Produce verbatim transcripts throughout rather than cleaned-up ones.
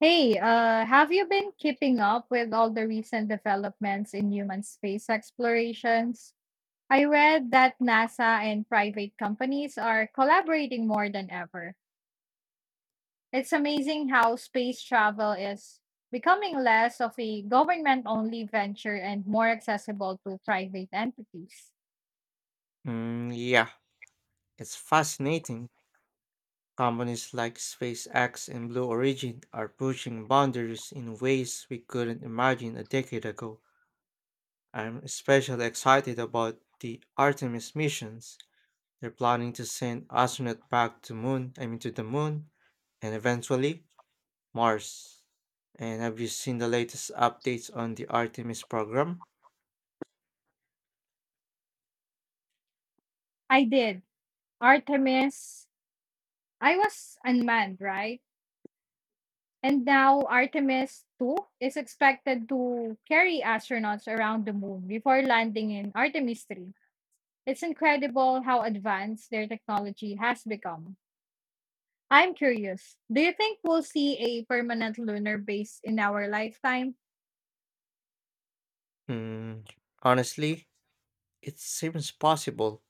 Hey, uh, have you been keeping up with all the recent developments in human space explorations? I read that NASA and private companies are collaborating more than ever. It's amazing how space travel is becoming less of a government only venture and more accessible to private entities. Mm, yeah, it's fascinating. Companies like SpaceX and Blue Origin are pushing boundaries in ways we couldn't imagine a decade ago. I'm especially excited about the Artemis missions. They're planning to send astronauts back to moon, I mean to the moon, and eventually Mars. And have you seen the latest updates on the Artemis program? I did. Artemis, I was unmanned, right? And now Artemis two is expected to carry astronauts around the moon before landing in Artemis three. It's incredible how advanced their technology has become. I'm curious, do you think we'll see a permanent lunar base in our lifetime? Hmm, Honestly, it seems possible,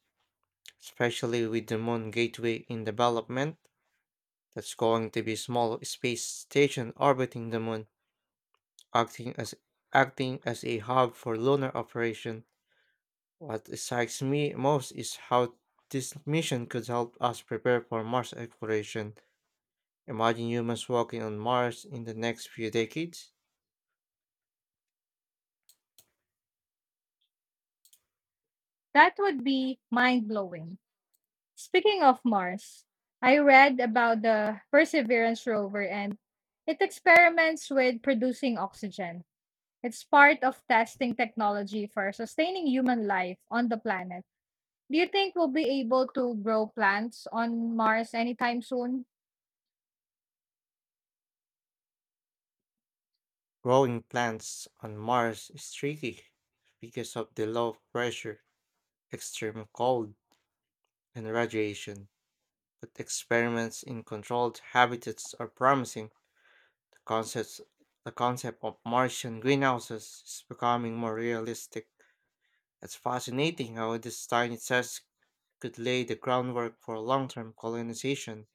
especially with the moon gateway in development. That's going to be small space station orbiting the moon, acting as acting as a hub for lunar operation. What excites me most is how this mission could help us prepare for Mars exploration. Imagine humans walking on Mars in the next few decades. That would be mind blowing. Speaking of Mars, I read about the Perseverance rover and it experiments with producing oxygen. It's part of testing technology for sustaining human life on the planet. Do you think we'll be able to grow plants on Mars anytime soon? Growing plants on Mars is tricky because of the low pressure, extreme cold, and radiation. But experiments in controlled habitats are promising. The concepts the concept of Martian greenhouses is becoming more realistic. It's fascinating how this tiny task could lay the groundwork for long term colonization.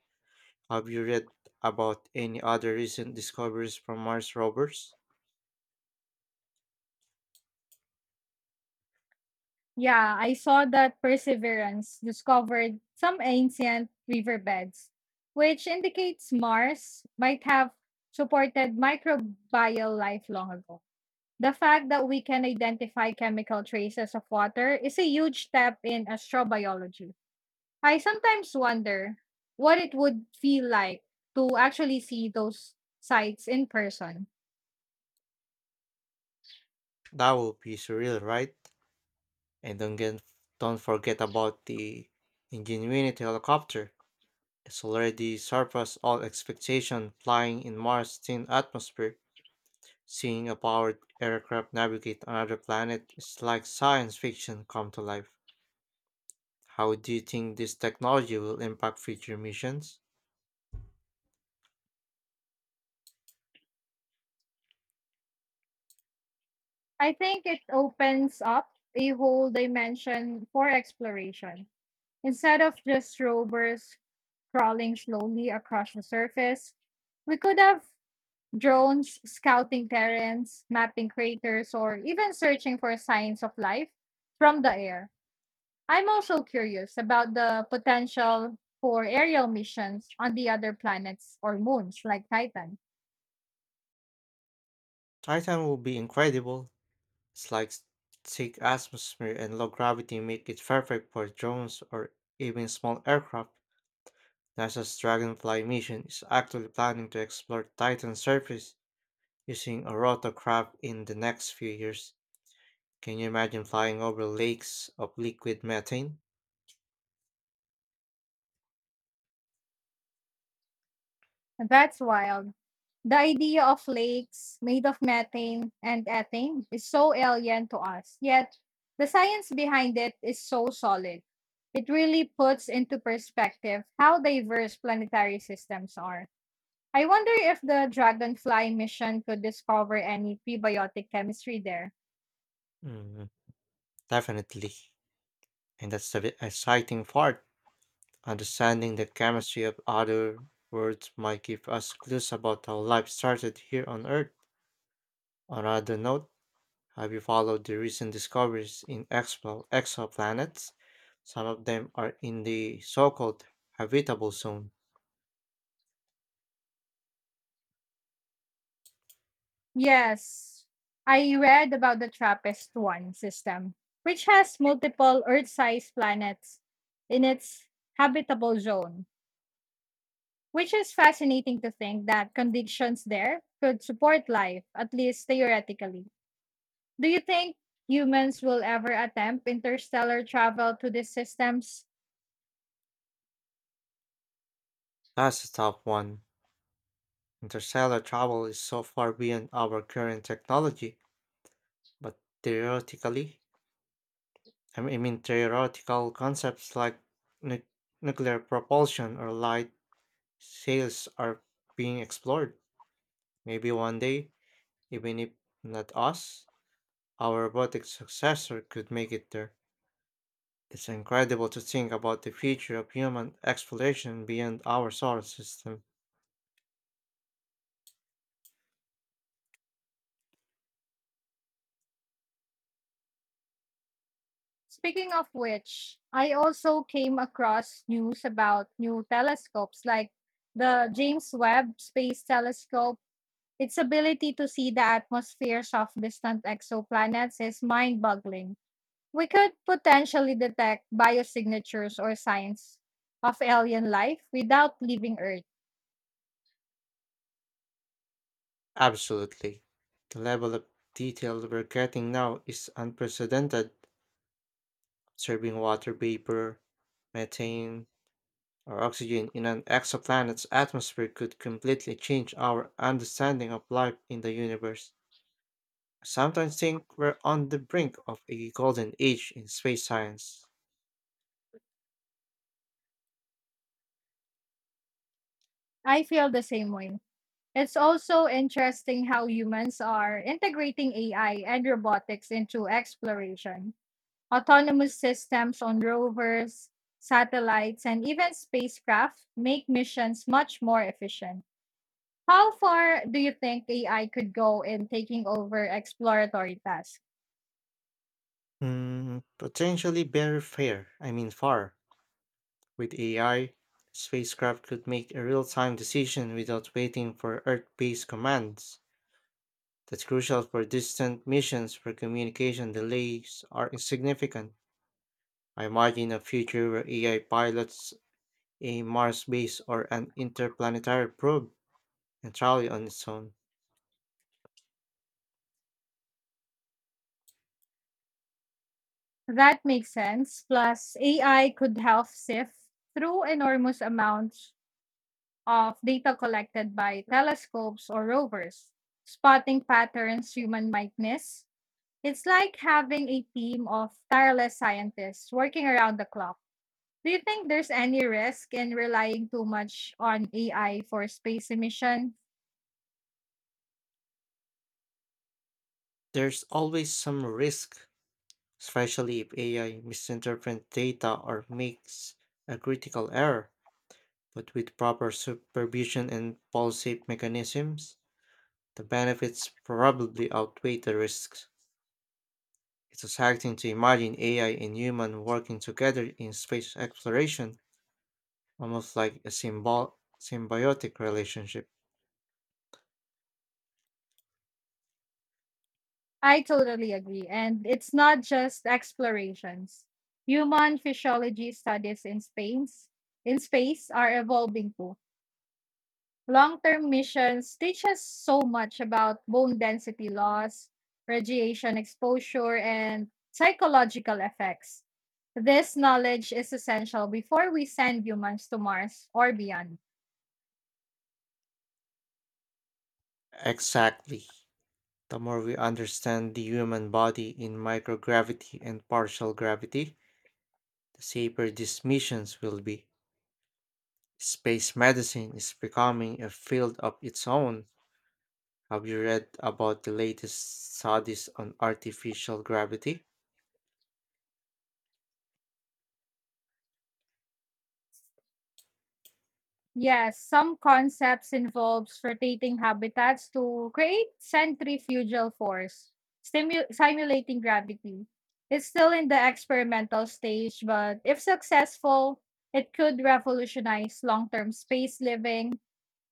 Have you read about any other recent discoveries from Mars rovers? Yeah, I saw that Perseverance discovered some ancient riverbeds, which indicates Mars might have supported microbial life long ago. The fact that we can identify chemical traces of water is a huge step in astrobiology. I sometimes wonder what it would feel like to actually see those sites in person. That would be surreal, right? And don't, get, don't forget about the Ingenuity helicopter. It's already surpassed all expectation flying in Mars' thin atmosphere. Seeing a powered aircraft navigate another planet is like science fiction come to life. How do you think this technology will impact future missions? I think it opens up a whole dimension for exploration. Instead of just rovers crawling slowly across the surface, we could have drones scouting terrains, mapping craters, or even searching for signs of life from the air. I'm also curious about the potential for aerial missions on the other planets or moons like Titan. Titan will be incredible. It's like s- thick atmosphere and low gravity make it perfect for drones or even small aircraft. NASA's Dragonfly mission is actually planning to explore Titan's surface using a rotorcraft in the next few years. Can you imagine flying over lakes of liquid methane? That's wild. The idea of lakes made of methane and ethane is so alien to us, yet the science behind it is so solid. It really puts into perspective how diverse planetary systems are. I wonder if the Dragonfly mission could discover any prebiotic chemistry there. Mm, Definitely. And that's the exciting part. Understanding the chemistry of other worlds might give us clues about how life started here on Earth. On another note, have you followed the recent discoveries in expo- exoplanets? Some of them are in the so called habitable zone. Yes, I read about the TRAPPIST one system, which has multiple Earth sized planets in its habitable zone, which is fascinating to think that conditions there could support life, at least theoretically. Do you think humans will ever attempt interstellar travel to these systems? That's a tough one. Interstellar travel is so far beyond our current technology, but theoretically, I mean, I mean theoretical concepts like nu- nuclear propulsion or light sales are being explored. Maybe one day, even if not us, our robotic successor could make it there. It's incredible to think about the future of human exploration beyond our solar system. Speaking of which, I also came across news about new telescopes like the James Webb Space Telescope. Its ability to see the atmospheres of distant exoplanets is mind boggling. We could potentially detect biosignatures or signs of alien life without leaving Earth. Absolutely. The level of detail we're getting now is unprecedented. Observing water vapor, methane, or oxygen in an exoplanet's atmosphere could completely change our understanding of life in the universe. I sometimes think we're on the brink of a golden age in space science. I feel the same way. It's also interesting how humans are integrating A I and robotics into exploration. Autonomous systems on rovers, satellites, and even spacecraft make missions much more efficient. How far do you think A I could go in taking over exploratory tasks? Mm, potentially very fair, I mean far. With A I, spacecraft could make a real-time decision without waiting for Earth-based commands. That's crucial for distant missions where communication delays are insignificant. I imagine a future where A I pilots a Mars base or an interplanetary probe entirely on its own. That makes sense. Plus, A I could help sift through enormous amounts of data collected by telescopes or rovers, spotting patterns human might miss. It's like having a team of tireless scientists working around the clock. Do you think there's any risk in relying too much on A I for space emission? There's always some risk especially if A I misinterprets data or makes a critical error. But with proper supervision and policy mechanisms, the benefits probably outweigh the risks. It's exciting to imagine A I and human working together in space exploration, almost like a symbol- symbiotic relationship. I totally agree. And it's not just explorations. Human physiology studies in space in space are evolving too. Long-term missions teach us so much about bone density loss, radiation exposure, and psychological effects. This knowledge is essential before we send humans to Mars or beyond. Exactly. The more we understand the human body in microgravity and partial gravity, the safer these missions will be. Space medicine is becoming a field of its own. Have you read about the latest studies on artificial gravity? Yes, some concepts involves rotating habitats to create centrifugal force, stimu- simulating gravity. It's still in the experimental stage, but if successful, it could revolutionize long-term space living.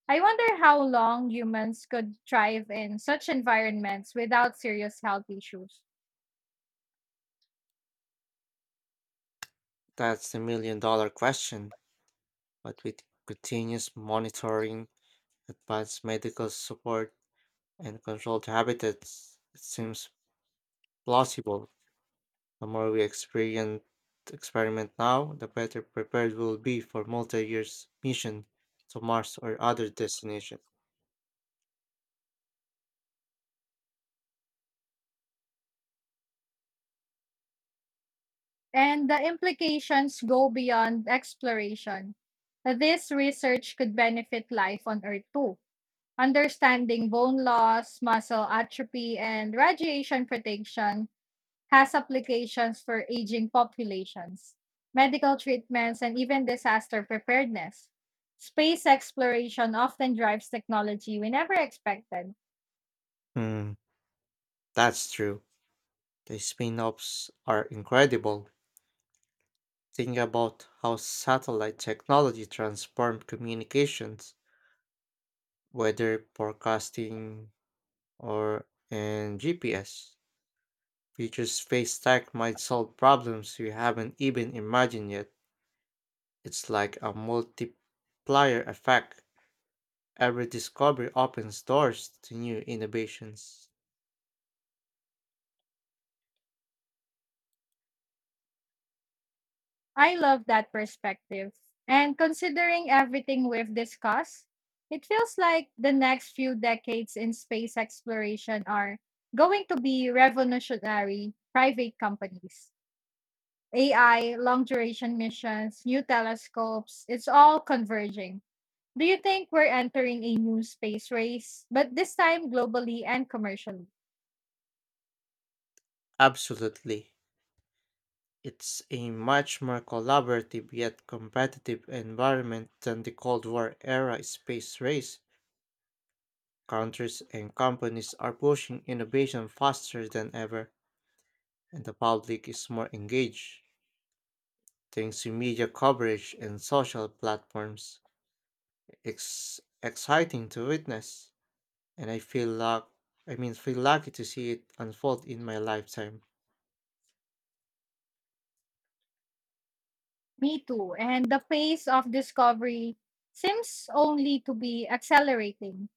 I wonder how long humans could thrive in such environments without serious health issues. That's the million dollar question, but with continuous monitoring, advanced medical support, and controlled habitats, it seems plausible. The more we experience, Experiment now, the better prepared we'll be for multi years mission to Mars or other destination. And the implications go beyond exploration. This research could benefit life on Earth too, understanding bone loss, muscle atrophy, and radiation protection has applications for aging populations, medical treatments, and even disaster preparedness. Space exploration often drives technology we never expected. Hmm, that's true. The spin offs are incredible. Think about how satellite technology transformed communications, weather forecasting, or and G P S. Future space tech might solve problems we haven't even imagined yet. It's like a multiplier effect. Every discovery opens doors to new innovations. I love that perspective. And considering everything we've discussed, it feels like the next few decades in space exploration are going to be revolutionary private companies. A I, long duration missions, new telescopes, it's all converging. Do you think we're entering a new space race, but this time globally and commercially? Absolutely. It's a much more collaborative yet competitive environment than the Cold War era space race. Countries and companies are pushing innovation faster than ever, and the public is more engaged, thanks to media coverage and social platforms. It's exciting to witness, and I feel luck I mean feel lucky to see it unfold in my lifetime. Me too. And the pace of discovery seems only to be accelerating.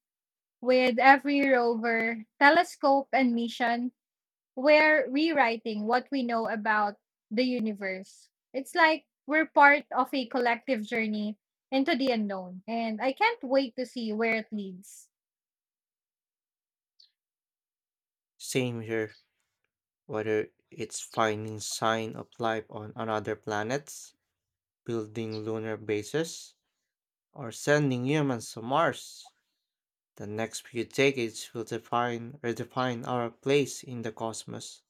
With every rover, telescope, and mission we're rewriting what we know about the universe. It's like we're part of a collective journey into the unknown, and I can't wait to see where it leads. Same here, whether it's finding sign of life on another planets building lunar bases, or sending humans to Mars. The next few decades will define redefine our place in the cosmos.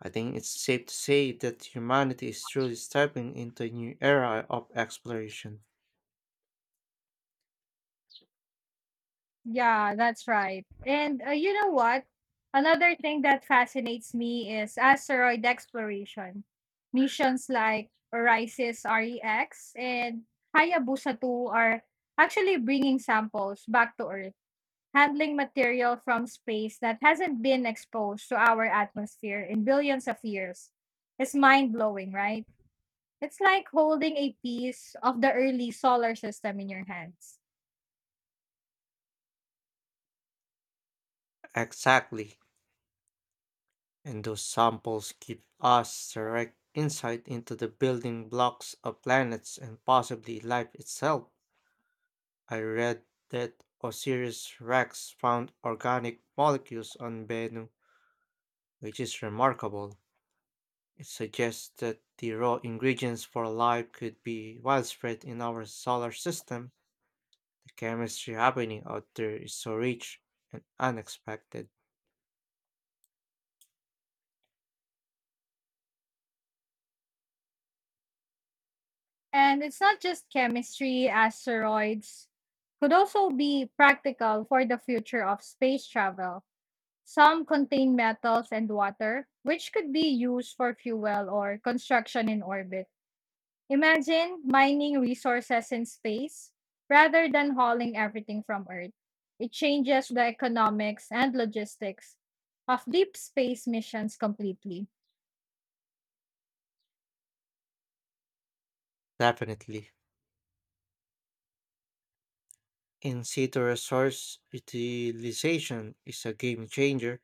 I think it's safe to say that humanity is truly stepping into a new era of exploration. Yeah, that's right. And uh, you know what? Another thing that fascinates me is asteroid exploration. Missions like Orisis REX and Hayabusa two are actually bringing samples back to Earth. Handling material from space that hasn't been exposed to our atmosphere in billions of years is mind blowing, right? It's like holding a piece of the early solar system in your hands. Exactly. And those samples give us direct insight into the building blocks of planets and possibly life itself. I read that Osiris Rex found organic molecules on Bennu which is remarkable. It suggests that the raw ingredients for life could be widespread in our solar system. The chemistry happening out there is so rich and unexpected. And it's not just chemistry, asteroids could also be practical for the future of space travel. Some contain metals and water, which could be used for fuel or construction in orbit. Imagine mining resources in space rather than hauling everything from Earth. It changes the economics and logistics of deep space missions completely. Definitely. In situ resource utilization is a game changer.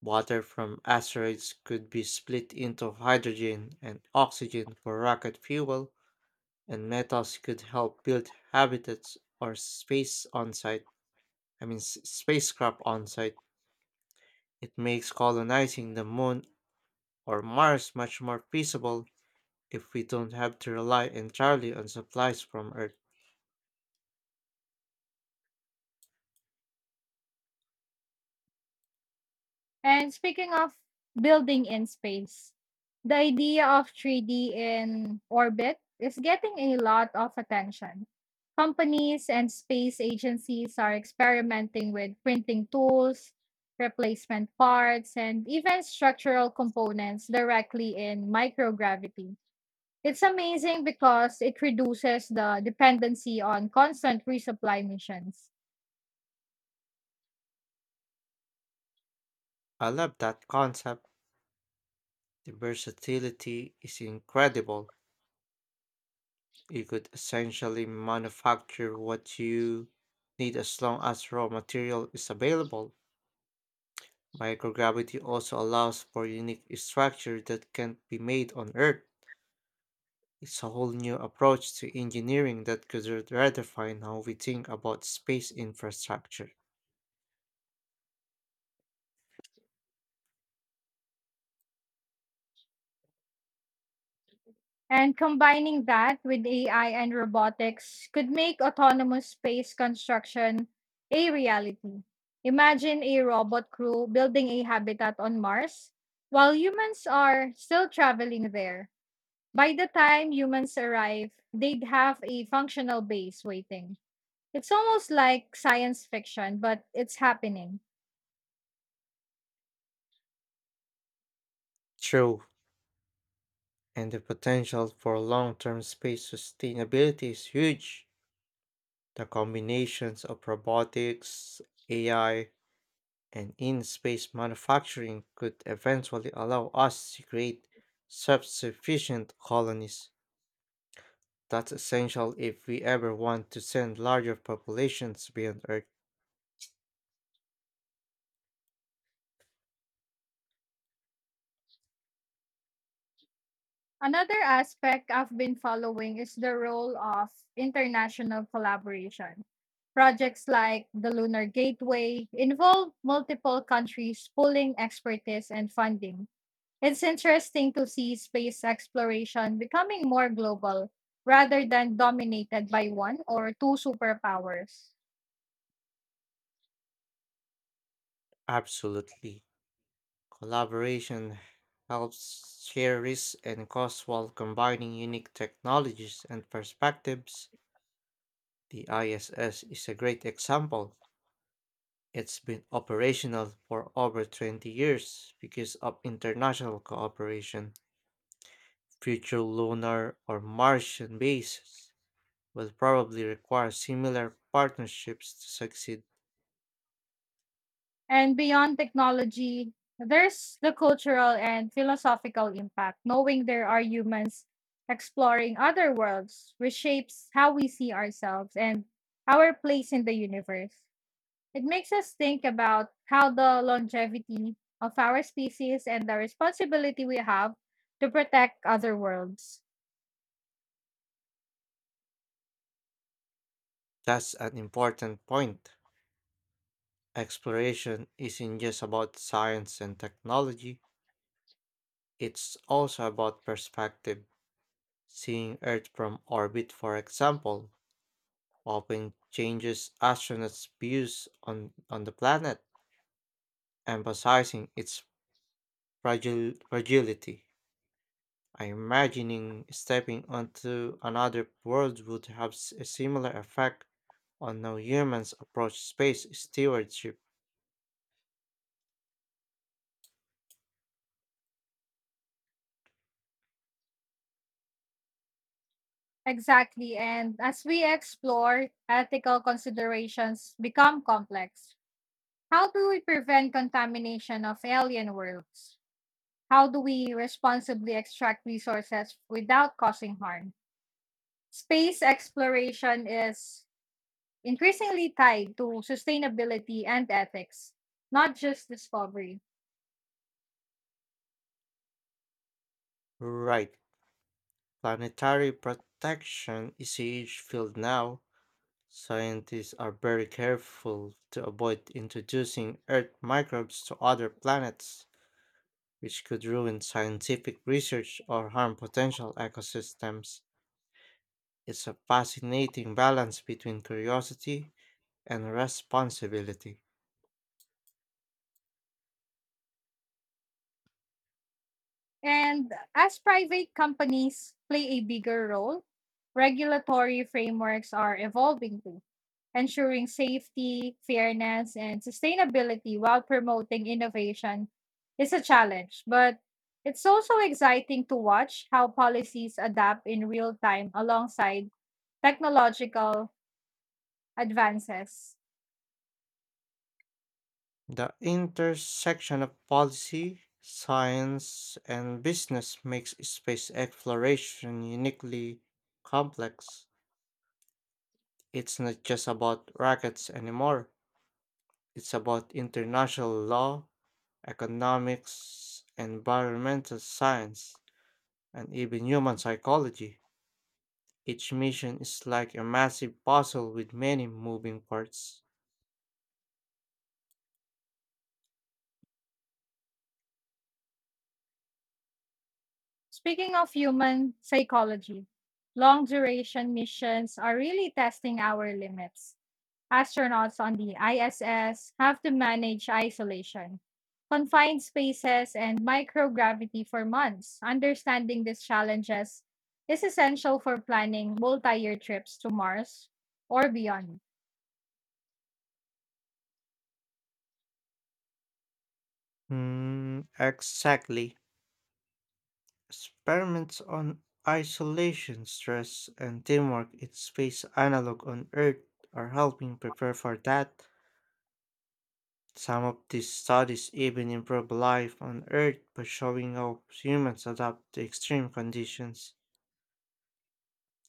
Water from asteroids could be split into hydrogen and oxygen for rocket fuel, and metals could help build habitats or space on site. I mean, s- spacecraft on site. It makes colonizing the moon or Mars much more feasible if we don't have to rely entirely on supplies from Earth. And speaking of building in space, the idea of three D in orbit is getting a lot of attention. Companies and space agencies are experimenting with printing tools, replacement parts, and even structural components directly in microgravity. It's amazing because it reduces the dependency on constant resupply missions. I love that concept. The versatility is incredible. You could essentially manufacture what you need as long as raw material is available. Microgravity also allows for unique structure that can't be made on Earth. It's a whole new approach to engineering that could redefine how we think about space infrastructure. And combining that with A I and robotics could make autonomous space construction a reality. Imagine a robot crew building a habitat on Mars while humans are still traveling there. By the time humans arrive, they'd have a functional base waiting. It's almost like science fiction, but it's happening. True, and the potential for long term space sustainability is huge. The combinations of robotics, A I, and in space manufacturing could eventually allow us to create self sufficient colonies. That's essential if we ever want to send larger populations beyond Earth. Another aspect I've been following is the role of international collaboration. Projects like the Lunar Gateway involve multiple countries pooling expertise and funding. It's interesting to see space exploration becoming more global rather than dominated by one or two superpowers. Absolutely. Collaboration helps share risks and costs while combining unique technologies and perspectives. The I S S is a great example. It's been operational for over twenty years because of international cooperation. Future lunar or Martian bases will probably require similar partnerships to succeed. And beyond technology, there's the cultural and philosophical impact. Knowing there are humans exploring other worlds, reshapes how we see ourselves and our place in the universe. It makes us think about how the longevity of our species and the responsibility we have to protect other worlds. That's an important point. Exploration isn't just about science and technology, it's also about perspective. Seeing Earth from orbit, for example, often changes astronauts' views on, on the planet, emphasizing its fragile, fragility. I am imagining stepping onto another world would have s- a similar effect on how humans approach space stewardship. Exactly. And as we explore, ethical considerations become complex. How do we prevent contamination of alien worlds? How do we responsibly extract resources without causing harm? Space exploration is increasingly tied to sustainability and ethics, not just discovery. Right. Planetary protection is a huge field now. Scientists are very careful to avoid introducing Earth microbes to other planets, which could ruin scientific research or harm potential ecosystems. It's a fascinating balance between curiosity and responsibility. And as private companies play a bigger role, regulatory frameworks are evolving too, ensuring safety, fairness, and sustainability while promoting innovation is a challenge. But it's also exciting to watch how policies adapt in real time alongside technological advances. The intersection of policy, science, and business makes space exploration uniquely complex. It's not just about rockets anymore, it's about international law, economics, environmental science, and even human psychology. Each mission is like a massive puzzle with many moving parts. Speaking of human psychology, long duration missions are really testing our limits. Astronauts on the I S S have to manage isolation, confined spaces, and microgravity for months. Understanding these challenges is essential for planning multi year trips to Mars or beyond. Hmm, exactly. Experiments on isolation, stress, and teamwork in space analog on Earth are helping prepare for that. Some of these studies even improve life on Earth by showing how humans adapt to extreme conditions.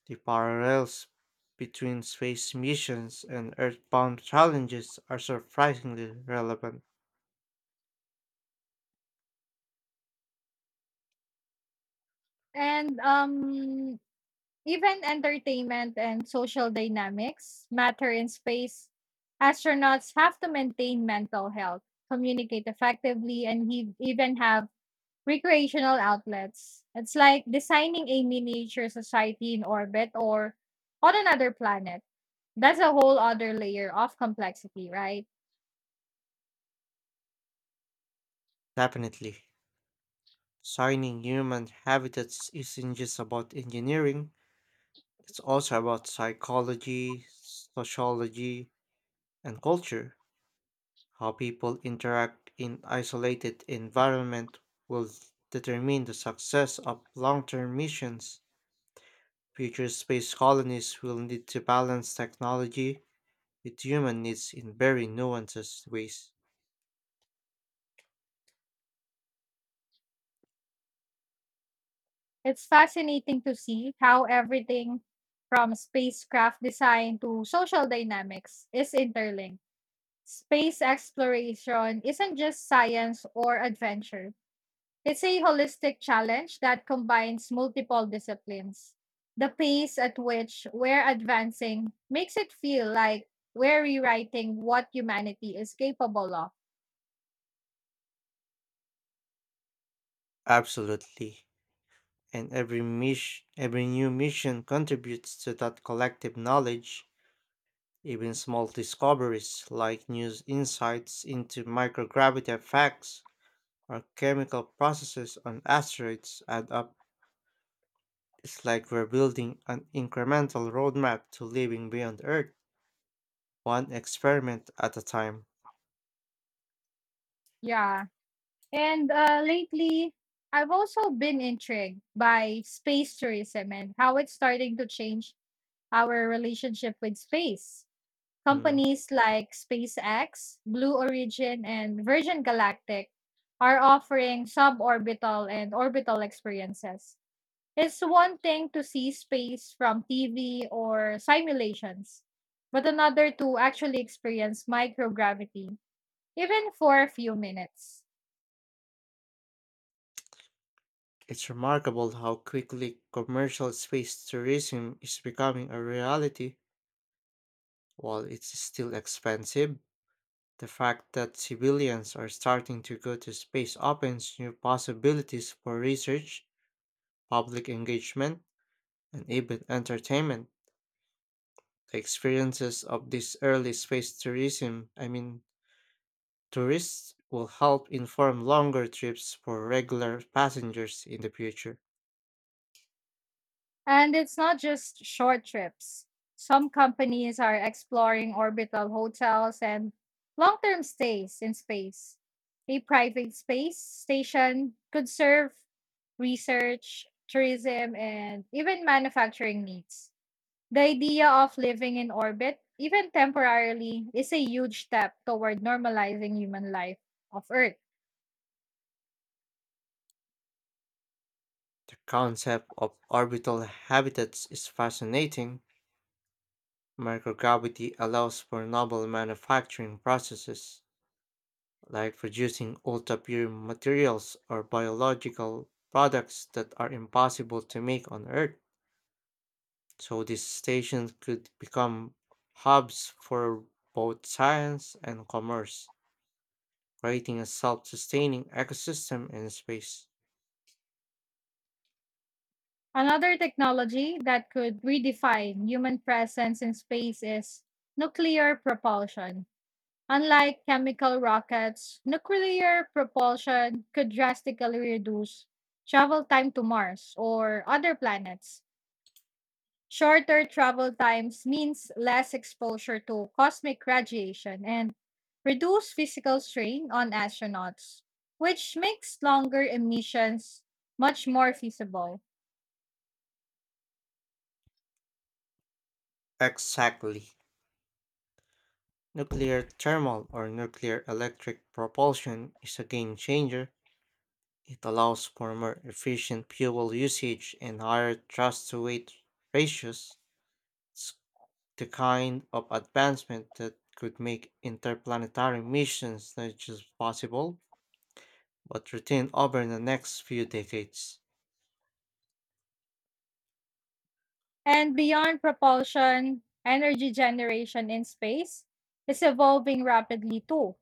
The parallels between space missions and Earthbound challenges are surprisingly relevant. And um, even entertainment and social dynamics matter in space. Astronauts have to maintain mental health, communicate effectively, and he- even have recreational outlets. It's like designing a miniature society in orbit or on another planet. That's a whole other layer of complexity, right? Definitely. Designing human habitats isn't just about engineering, it's also about psychology, sociology, and culture. How people interact in isolated environment will determine the success of long-term missions. Future space colonies will need to balance technology with human needs in very nuanced ways. It's fascinating to see how everything from spacecraft design to social dynamics is interlinked. Space exploration isn't just science or adventure. It's a holistic challenge that combines multiple disciplines. The pace at which we're advancing makes it feel like we're rewriting what humanity is capable of. Absolutely. And every mission, every new mission contributes to that collective knowledge. Even small discoveries like new insights into microgravity effects or chemical processes on asteroids add up. It's like we're building an incremental roadmap to living beyond Earth, one experiment at a time. Yeah. And uh, lately, I've also been intrigued by space tourism and how it's starting to change our relationship with space. Mm. Companies like SpaceX, Blue Origin, and Virgin Galactic are offering suborbital and orbital experiences. It's one thing to see space from T V or simulations, but another to actually experience microgravity, even for a few minutes. It's remarkable how quickly commercial space tourism is becoming a reality. While it's still expensive, the fact that civilians are starting to go to space opens new possibilities for research public engagement, and even entertainment. The experiences of this early space tourism, I mean, tourists, will help inform longer trips for regular passengers in the future. And it's not just short trips. Some companies are exploring orbital hotels and long term stays in space. A private space station could serve research, tourism, and even manufacturing needs. The idea of living in orbit, even temporarily, is a huge step toward normalizing human life off Earth. The concept of orbital habitats is fascinating. Microgravity allows for novel manufacturing processes, like producing ultra pure materials or biological products that are impossible to make on Earth. So these stations could become hubs for both science and commerce, creating a self sustaining ecosystem in space. Another technology that could redefine human presence in space is nuclear propulsion. Unlike chemical rockets, nuclear propulsion could drastically reduce travel time to Mars or other planets. Shorter travel times means less exposure to cosmic radiation and reduce physical strain on astronauts, which makes longer emissions much more feasible. Exactly. Nuclear thermal or nuclear electric propulsion is a game changer. It allows for more efficient fuel usage and higher thrust to weight ratios. It's the kind of advancement that could make interplanetary missions not just possible but routine over the next few decades. And beyond propulsion, energy generation in space is evolving rapidly too.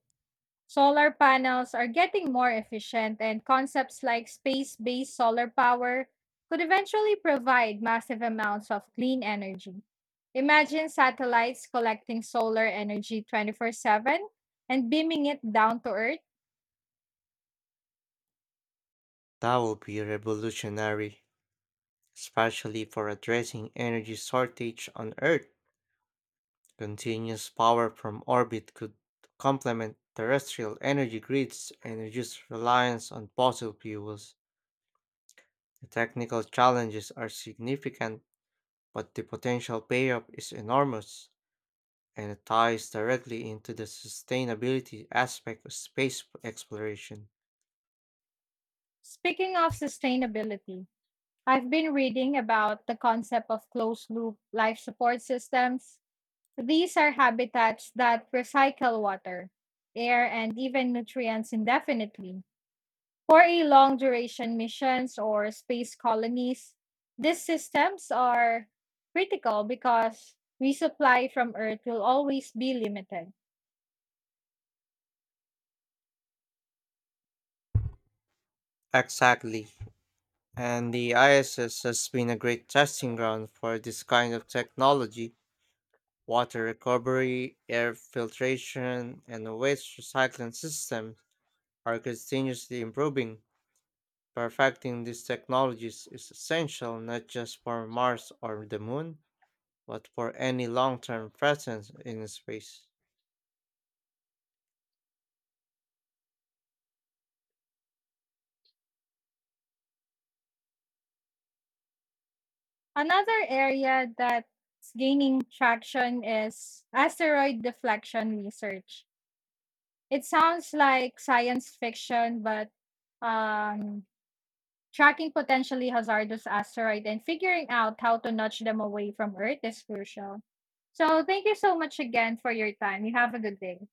Solar panels are getting more efficient, and concepts like space based solar power could eventually provide massive amounts of clean energy. Imagine satellites collecting solar energy twenty-four seven and beaming it down to Earth. That will be revolutionary, especially for addressing energy shortage on Earth. Continuous power from orbit could complement terrestrial energy grids and reduce reliance on fossil fuels. The technical challenges are significant, but the potential payoff is enormous, and it ties directly into the sustainability aspect of space exploration. Speaking of sustainability, I've been reading about the concept of closed loop life support systems. These are habitats that recycle water, air, and even nutrients indefinitely. For a long duration missions or space colonies, these systems are critical because resupply from Earth will always be limited. Exactly. And the I S S has been a great testing ground for this kind of technology. Water recovery, air filtration, and waste recycling systems are continuously improving. Perfecting these technologies is essential not just for Mars or the Moon, but for any long term presence in space. Another area that's gaining traction is asteroid deflection research. It sounds like science fiction, but um, tracking potentially hazardous asteroid and figuring out how to nudge them away from Earth is crucial. So, thank you so much again for your time. You have a good day.